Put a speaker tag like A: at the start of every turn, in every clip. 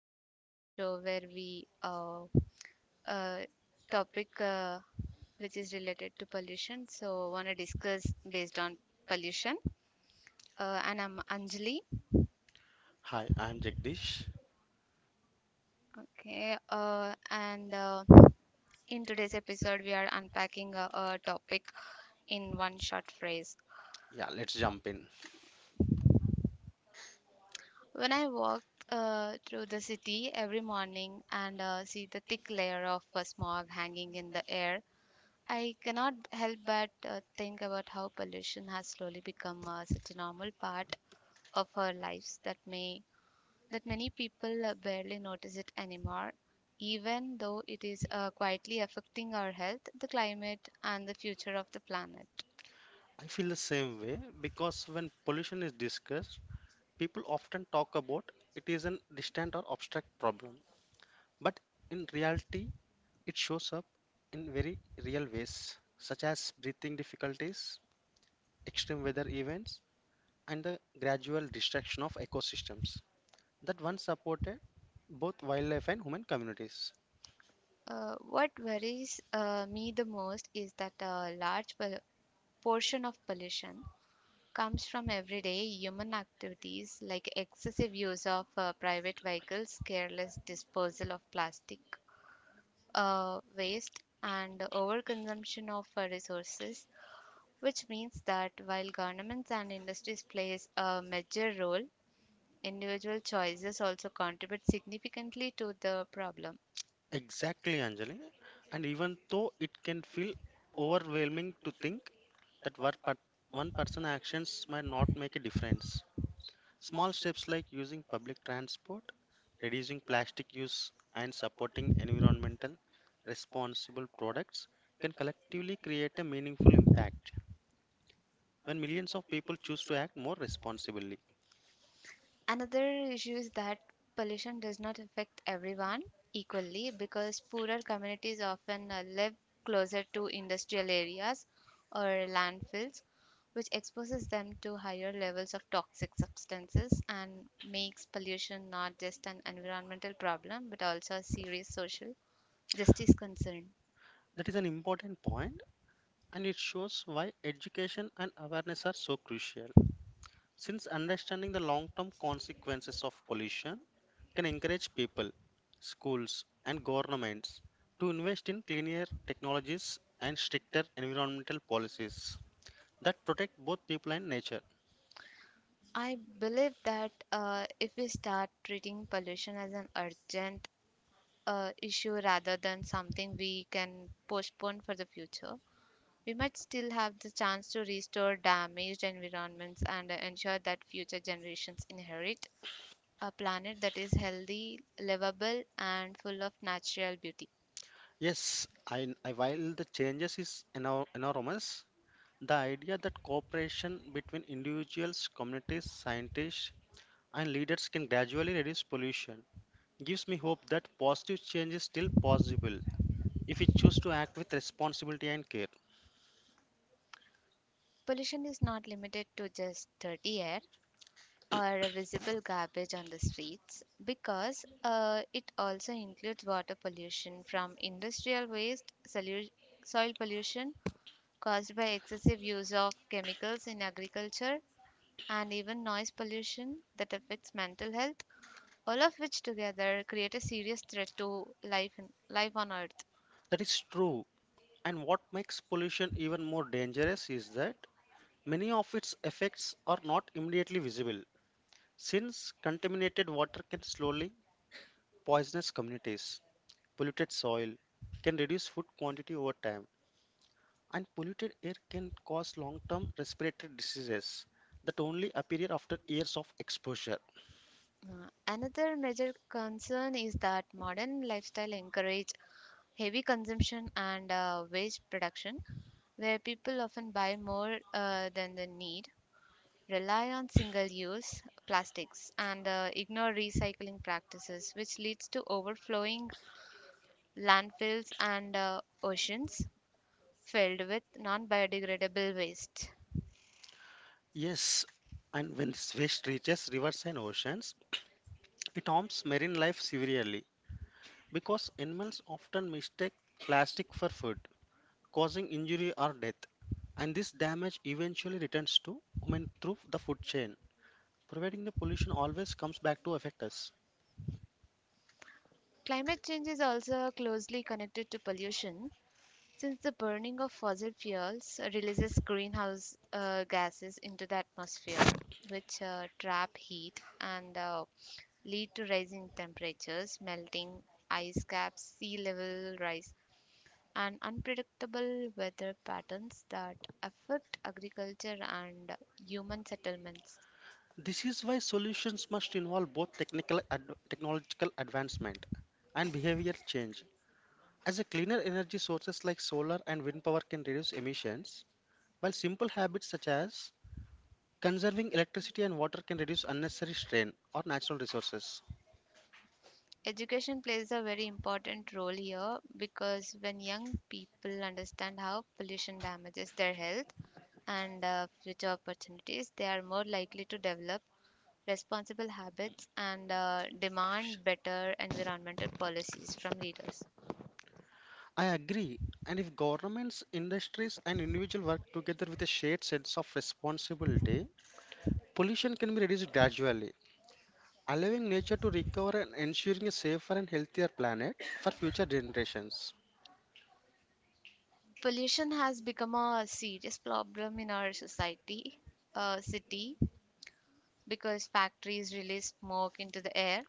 A: pollution, the show where we uh, topic which is related to pollution. So, want to discuss based on pollution. And I'm Anjali.
B: Hi, I'm Jagdish.
A: Okay. And in today's episode, we are unpacking a topic in one short phrase.
B: Yeah, let's jump in.
A: When I walk through the city every morning and see the thick layer of smog hanging in the air, I cannot help but think about how pollution has slowly become such a normal part of our lives that many people barely notice it anymore, even though it is quietly affecting our health, the climate, and the future of the planet.
B: I feel the same way because when pollution is discussed, people often talk about it is an distant or abstract problem. But in reality, it shows up in very real ways, such as breathing difficulties, extreme weather events, and the gradual destruction of ecosystems that once supported both wildlife and human communities.
A: What worries me the most is that a portion of pollution comes from everyday human activities like excessive use of private vehicles, careless disposal of plastic waste, and overconsumption of resources, which means that while governments and industries plays a major role, individual choices also contribute significantly to the problem.
B: Exactly, Anjali. And even though it can feel overwhelming to think that one person actions might not make a difference, small steps like using public transport, reducing plastic use, and supporting environmental responsible products can collectively create a meaningful impact when millions of people choose to act more responsibly.
A: Another issue is that pollution does not affect everyone equally because poorer communities often live closer to industrial areas or landfills, which exposes them to higher levels of toxic substances and makes pollution not just an environmental problem but also a serious social justice concern.
B: That is an important point, and it shows why education and awareness are so crucial. Since understanding the long term consequences of pollution can encourage people, schools, and governments to invest in cleaner technologies and stricter environmental policies that protect both people and nature.
A: I believe that if we start treating pollution as an urgent issue rather than something we can postpone for the future, we might still have the chance to restore damaged environments and ensure that future generations inherit a planet that is healthy, livable, and full of natural beauty.
B: Yes, while the changes is enormous, the idea that cooperation between individuals, communities, scientists, and leaders can gradually reduce pollution gives me hope that positive change is still possible if we choose to act with responsibility and care.
A: Pollution is not limited to just dirty air or a visible garbage on the streets because it also includes water pollution from industrial waste, soil pollution, caused by excessive use of chemicals in agriculture and even noise pollution that affects mental health, all of which together create a serious threat to life on earth.
B: That is true. And what makes pollution even more dangerous is that many of its effects are not immediately visible, since contaminated water can slowly poison communities. Polluted soil can reduce food quantity over time, and polluted air can cause long term respiratory diseases that only appear after years of exposure.
A: Another major concern is that modern lifestyle encourage heavy consumption and waste production, where people often buy more than they need, rely on single use plastics, and ignore recycling practices, which leads to overflowing landfills and oceans filled with non biodegradable waste.
B: Yes, and when this waste reaches rivers and oceans, it harms marine life severely because animals often mistake plastic for food, causing injury or death. And this damage eventually returns to human through the food chain, providing the pollution always comes back to affect us.
A: Climate change is also closely connected to pollution since the burning of fossil fuels releases greenhouse gases into the atmosphere, which trap heat and lead to rising temperatures, melting ice caps, sea level rise, and unpredictable weather patterns that affect agriculture and human settlements.
B: This is why solutions must involve both technological advancement and behavior change. As a cleaner energy sources like solar and wind power can reduce emissions, while simple habits such as conserving electricity and water can reduce unnecessary strain on natural resources.
A: Education plays a very important role here because when young people understand how pollution damages their health and future opportunities, they are more likely to develop responsible habits and demand better environmental policies from leaders.
B: I agree. And if governments, industries, and individuals work together with a shared sense of responsibility, pollution can be reduced gradually, allowing nature to recover and ensuring a safer and healthier planet for future generations.
A: Pollution has become a serious problem in our society, city, because factories release smoke into the air.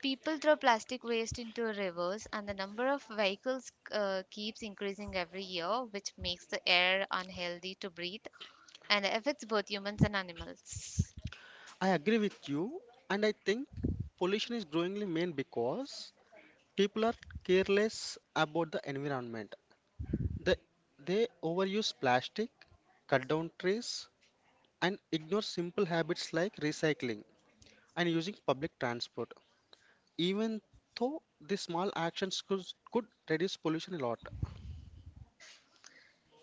A: People throw plastic waste into rivers, and the number of vehicles keeps increasing every year, which makes the air unhealthy to breathe and affects both humans and animals.
B: I agree with you, and I think pollution is growingly main because people are careless about the environment. They, they overuse plastic, cut down trees, and ignore simple habits like recycling and using public transport. Even though these small actions could reduce pollution a lot.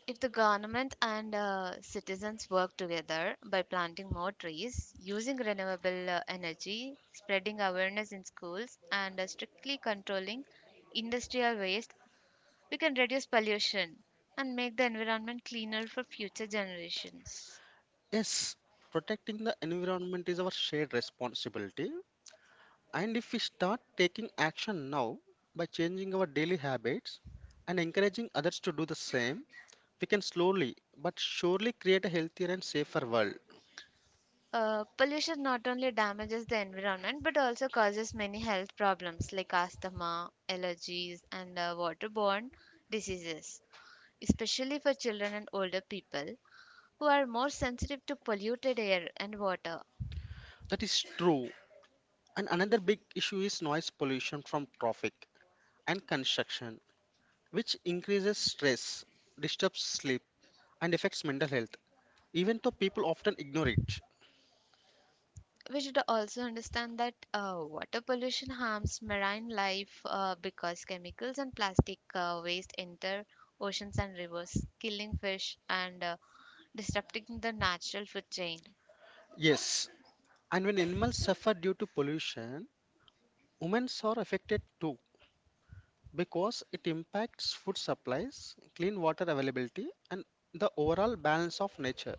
A: If the government and citizens work together by planting more trees, using renewable energy, spreading awareness in schools, and strictly controlling industrial waste, we can reduce pollution and make the environment cleaner for future generations.
B: Yes, protecting the environment is our shared responsibility. And if we start taking action now by changing our daily habits and encouraging others to do the same, we can slowly but surely create a healthier and safer world.
A: Pollution not only damages the environment but also causes many health problems like asthma, allergies, and waterborne diseases, especially for children and older people who are more sensitive to polluted air and water.
B: That is true. And another big issue is noise pollution from traffic and construction, which increases stress, disturbs sleep, and affects mental health. Even though people often ignore it.
A: We should also understand that water pollution harms marine life because chemicals and plastic waste enter oceans and rivers, killing fish and disrupting the natural food chain.
B: Yes, and when animals suffer due to pollution, women are affected too because it impacts food supplies, clean water availability, and the overall balance of nature.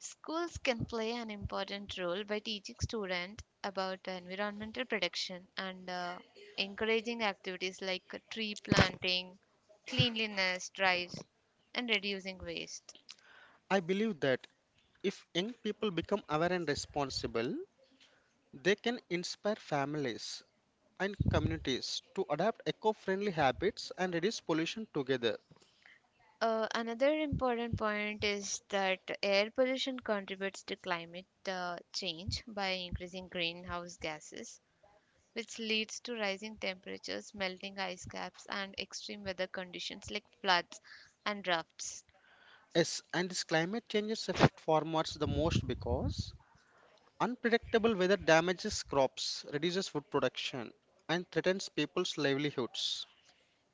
A: Schools can play an important role by teaching students about environmental protection and encouraging activities like tree planting, cleanliness drives, and reducing waste.
B: I believe that if young people become aware and responsible, they can inspire families and communities to adopt eco friendly habits and reduce pollution together.
A: Another important point is that air pollution contributes to climate change by increasing greenhouse gases, which leads to rising temperatures, melting ice caps, and extreme weather conditions like floods and drafts.
B: Yes, and this climate changes affect farmers the most because unpredictable weather damages crops, reduces food production, and threatens people's livelihoods.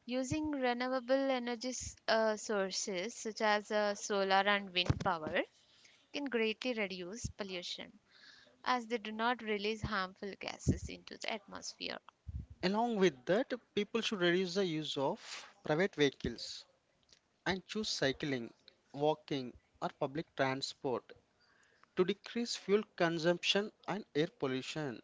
A: Using renewable sources such as solar and wind power can greatly reduce pollution as they do not release harmful gases into the atmosphere.
B: Along with that, people should reduce the use of private vehicles and choose cycling, walking, or public transport to decrease fuel consumption and air pollution.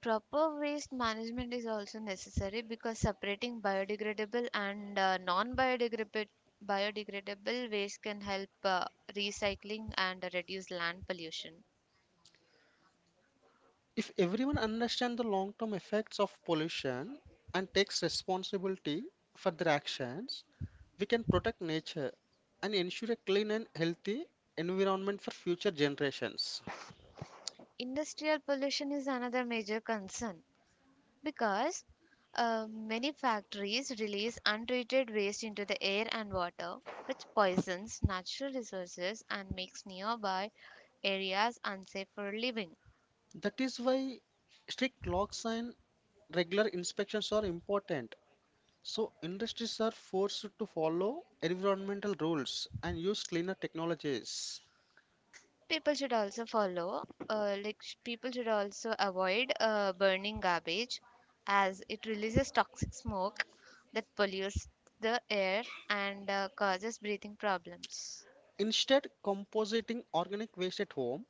A: Proper waste management is also necessary because separating biodegradable and non biodegradable biodegradable waste can help recycling and reduce land pollution.
B: If everyone understands the long term effects of pollution and takes responsibility for their actions, we can protect nature and ensure a clean and healthy environment for future generations.
A: Industrial pollution is another major concern because many factories release untreated waste into the air and water, which poisons natural resources and makes nearby areas unsafe for living.
B: That is why strict locks and regular inspections are important. So, industries are forced to follow environmental rules and use cleaner technologies.
A: People should also follow, People should also avoid burning garbage as it releases toxic smoke that pollutes the air and causes breathing problems.
B: Instead, compositing organic waste at home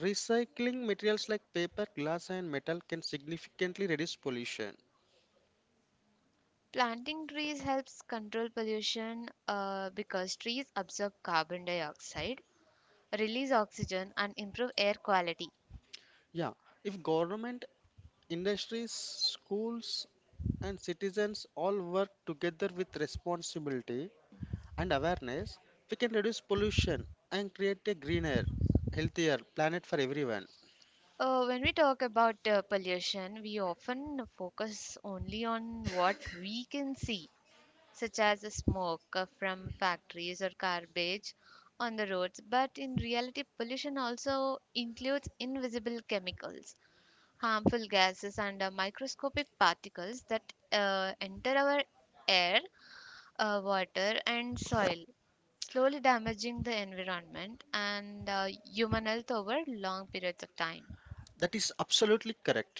B: recycling materials like paper, glass, and metal can significantly reduce pollution.
A: Planting trees helps control pollution because trees absorb carbon dioxide, release oxygen, and improve air quality.
B: Yeah, if government, industries, schools, and citizens all work together with responsibility and awareness, we can reduce pollution and create a greener, healthier planet for everyone.
A: When we talk about pollution, we often focus only on what we can see, such as the smoke from factories or garbage on the roads. But in reality, pollution also includes invisible chemicals, harmful gases, and microscopic particles that enter our air water, and soil, slowly damaging the environment and human health over long periods of time.
B: That is absolutely correct.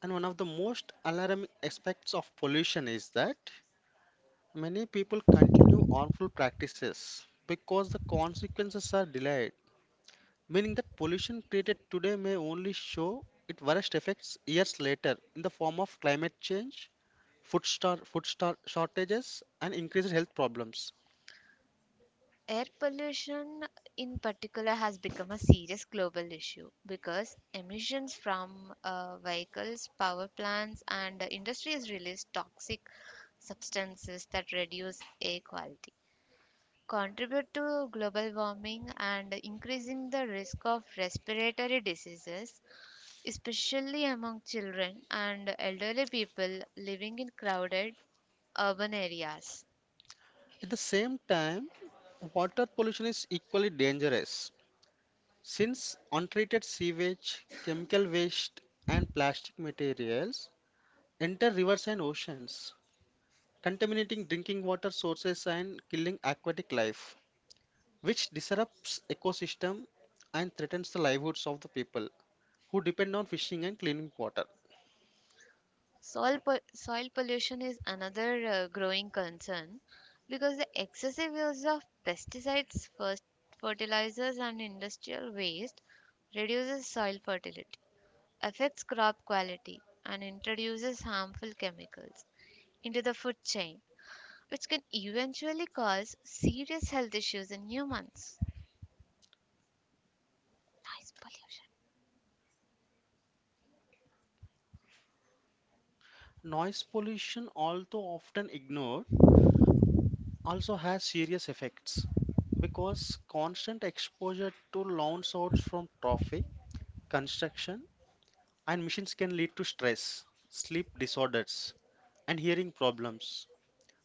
B: And one of the most alarming aspects of pollution is that many people continue harmful practices because the consequences are delayed meaning that pollution created today may only show its worst effects years later in the form of climate change, food star shortages, and increased health problems.
A: Air pollution, in particular, has become a serious global issue because emissions from vehicles, power plants, and industries release toxic substances that reduce air quality, contribute to global warming and increasing the risk of respiratory diseases, especially among children and elderly people living in crowded urban areas.
B: At the same time, water pollution is equally dangerous since untreated sewage, chemical waste, and plastic materials enter rivers and oceans, contaminating drinking water sources and killing aquatic life, which disrupts ecosystem and threatens the livelihoods of the people who depend on fishing and cleaning water.
A: Soil pollution is another growing concern because the excessive use of pesticides, first fertilizers, and industrial waste reduces soil fertility, affects crop quality, and introduces harmful chemicals into the food chain, which can eventually cause serious health issues in humans. Noise pollution.
B: Noise pollution, although often ignored, also has serious effects because constant exposure to loud sounds from traffic, construction, and machines can lead to stress, sleep disorders, and hearing problems,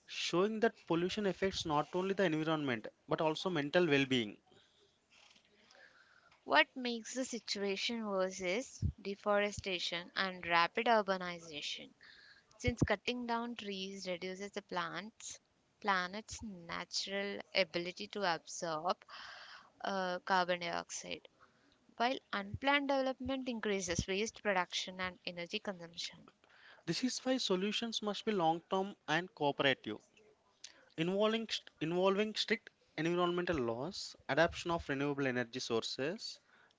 B: showing that pollution affects not only the environment but also mental well being.
A: What makes the situation worse is deforestation and rapid urbanization. Since cutting down trees reduces the planet's natural ability to absorb carbon dioxide, while unplanned development increases waste production and energy consumption.
B: This is why solutions must be long term and cooperative, involving strict environmental laws, adoption of renewable energy sources,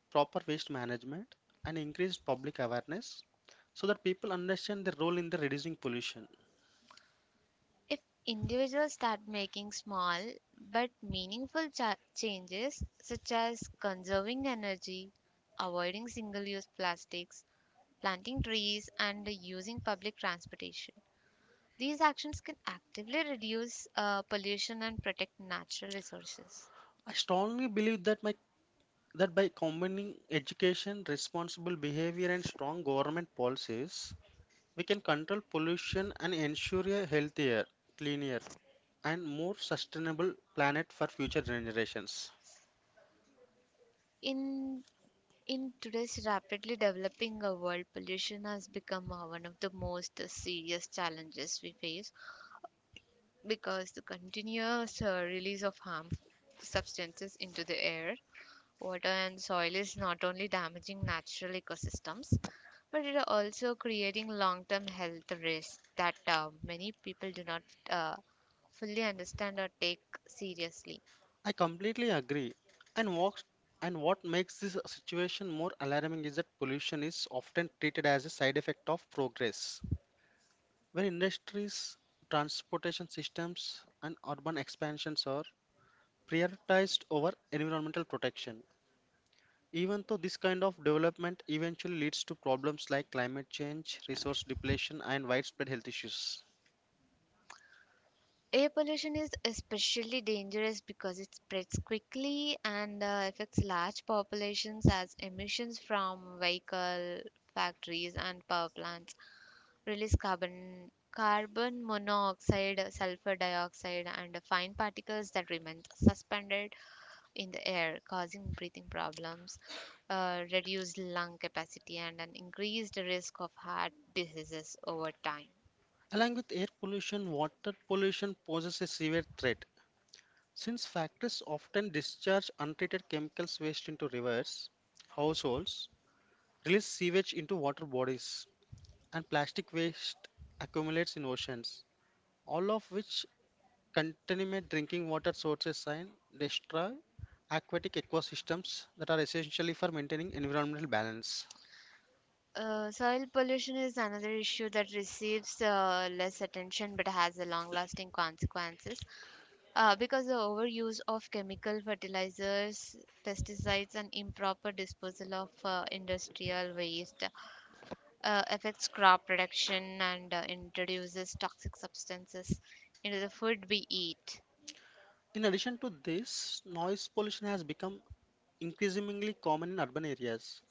B: proper waste management, and increased public awareness so that people understand their role in the reducing pollution.
A: If individuals start making small but meaningful changes, such as conserving energy, avoiding single use plastics, planting trees, and using public transportation, these actions can actively reduce pollution and protect natural resources.
B: I strongly believe that my that by combining education, responsible behavior, and strong government policies, we can control pollution and ensure a healthier, cleaner, and more sustainable planet for future generations.
A: In in today's rapidly developing world, pollution has become one of the most serious challenges we face because the continuous release of harmful substances into the air, water, and soil is not only damaging natural ecosystems but it is also creating long term health risks that many people do not uh, fully understand or take seriously.
B: I completely agree. And what and what makes this situation more alarming is that pollution is often treated as a side effect of progress. When industries, transportation systems, and urban expansions are prioritized over environmental protection. Even though this kind of development eventually leads to problems like climate change, resource depletion, and widespread health issues.
A: Air pollution is especially dangerous because it spreads quickly and affects large populations as emissions from vehicle factories and power plants release carbon monoxide, sulfur dioxide and fine particles that remain suspended in the air, causing breathing problems, reduced lung capacity and an increased risk of heart diseases over time.
B: Along with air pollution, water pollution poses a severe threat since factories often discharge untreated chemicals waste into rivers, households release sewage into water bodies, and plastic waste accumulates in oceans, all of which contaminate drinking water sources and destroy aquatic ecosystems that are essentially for maintaining environmental balance.
A: Soil pollution is another issue that receives less attention but has a long lasting consequences. Because the overuse of chemical fertilizers, pesticides, and improper disposal of industrial waste affects crop production and introduces toxic substances into the food we eat.
B: In addition to this, noise pollution has become increasingly common in urban areas,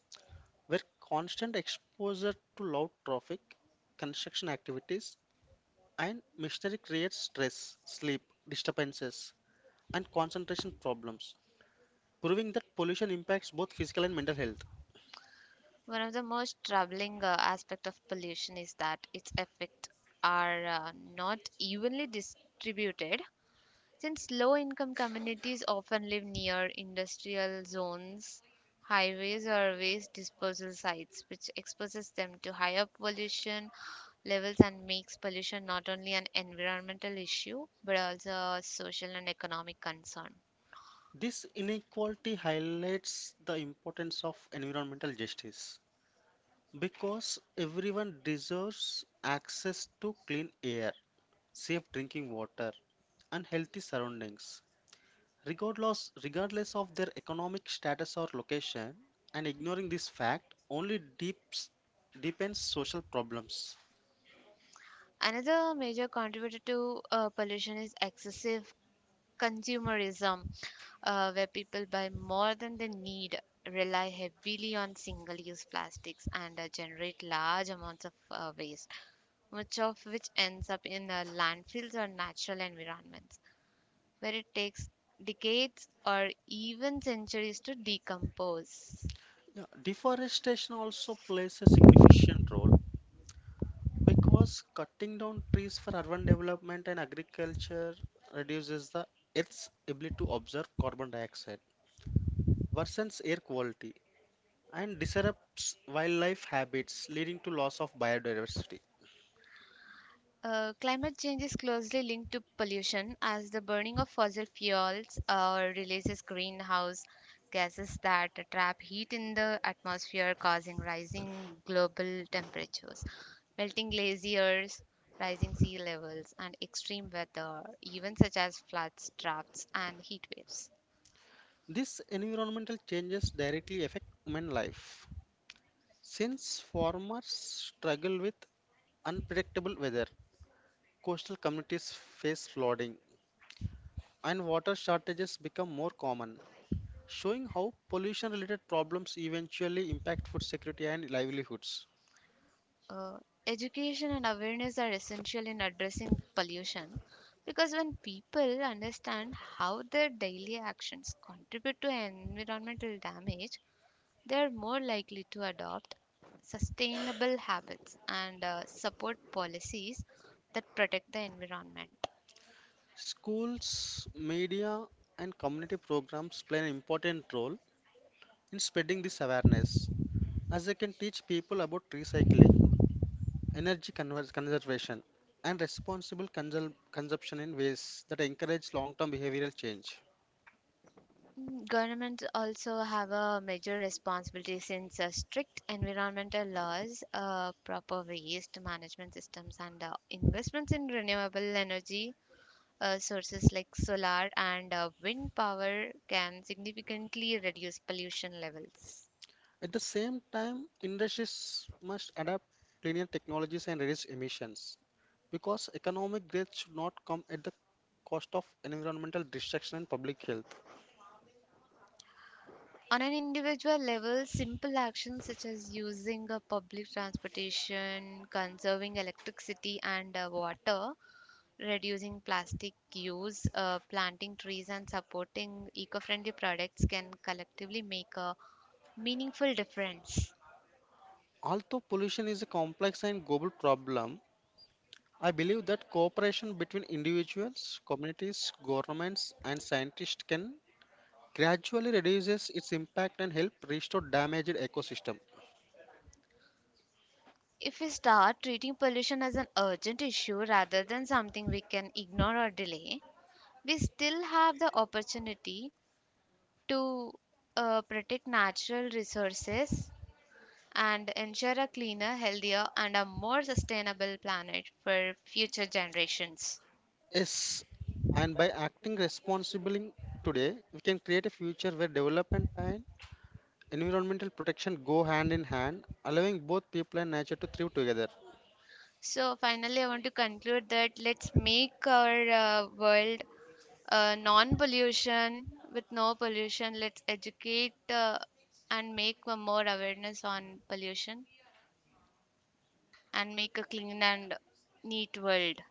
B: where constant exposure to loud traffic, construction activities, and machinery creates stress, sleep disturbances, and concentration problems, proving that pollution impacts both physical and mental health.
A: One of the most troubling aspect of pollution is that its effects are not evenly distributed, since low income communities often live near industrial zones, highways or waste disposal sites, which exposes them to higher pollution levels and makes pollution not only an environmental issue but also a social and economic concern.
B: This inequality highlights the importance of environmental justice because everyone deserves access to clean air, safe drinking water, and healthy surroundings, regardless of their economic status or location. And ignoring this fact only deepens social problems.
A: Another major contributor to pollution is excessive consumerism, where people buy more than they need, rely heavily on single use plastics, and generate large amounts of waste, much of which ends up in landfills or natural environments, where it takes decades or even centuries to decompose.
B: Yeah, deforestation also plays a significant role because cutting down trees for urban development and agriculture reduces the Earth's ability to absorb carbon dioxide, worsens air quality, and disrupts wildlife habits, leading to loss of biodiversity.
A: Climate change is closely linked to pollution as the burning of fossil fuels releases greenhouse gases that trap heat in the atmosphere, causing rising global temperatures, melting glaciers, rising sea levels, and extreme weather, even such as floods, droughts, and heat waves.
B: These environmental changes directly affect human life. Since farmers struggle with unpredictable weather, coastal communities face flooding, and water shortages become more common, showing how pollution related problems eventually impact food security and livelihoods.
A: uh, education and awareness are essential in addressing pollution because when people understand how their daily actions contribute to environmental damage, they are more likely to adopt sustainable habits and support policies that protect the environment.
B: Schools, media, and community programs play an important role in spreading this awareness, as they can teach people about recycling, energy conservation, and responsible consumption in ways that encourage long term behavioral change.
A: Governments also have a major responsibility since strict environmental laws, proper waste management systems, and investments in renewable energy sources like solar and wind power can significantly reduce pollution levels.
B: At the same time, industries must adapt linear technologies and reduce emissions because economic growth should not come at the cost of environmental destruction and public health.
A: On an individual level, simple actions such as using a public transportation, conserving electricity and water, reducing plastic use, planting trees, and supporting eco friendly products can collectively make a meaningful difference.
B: Although pollution is a complex and global problem, I believe that cooperation between individuals, communities, governments, and scientists can gradually reduces its impact and help restore damaged ecosystem.
A: If we start treating pollution as an urgent issue rather than something we can ignore or delay, we still have the opportunity to protect natural resources and ensure a cleaner, healthier, and a more sustainable planet for future generations.
B: Yes, and by acting responsibly today, we can create a future where development and environmental protection go hand in hand, allowing both people and nature to thrive together.
A: So, finally, I want to conclude that let's make our world non pollution with no pollution. Let's educate and make a more awareness on pollution and make a clean and neat world.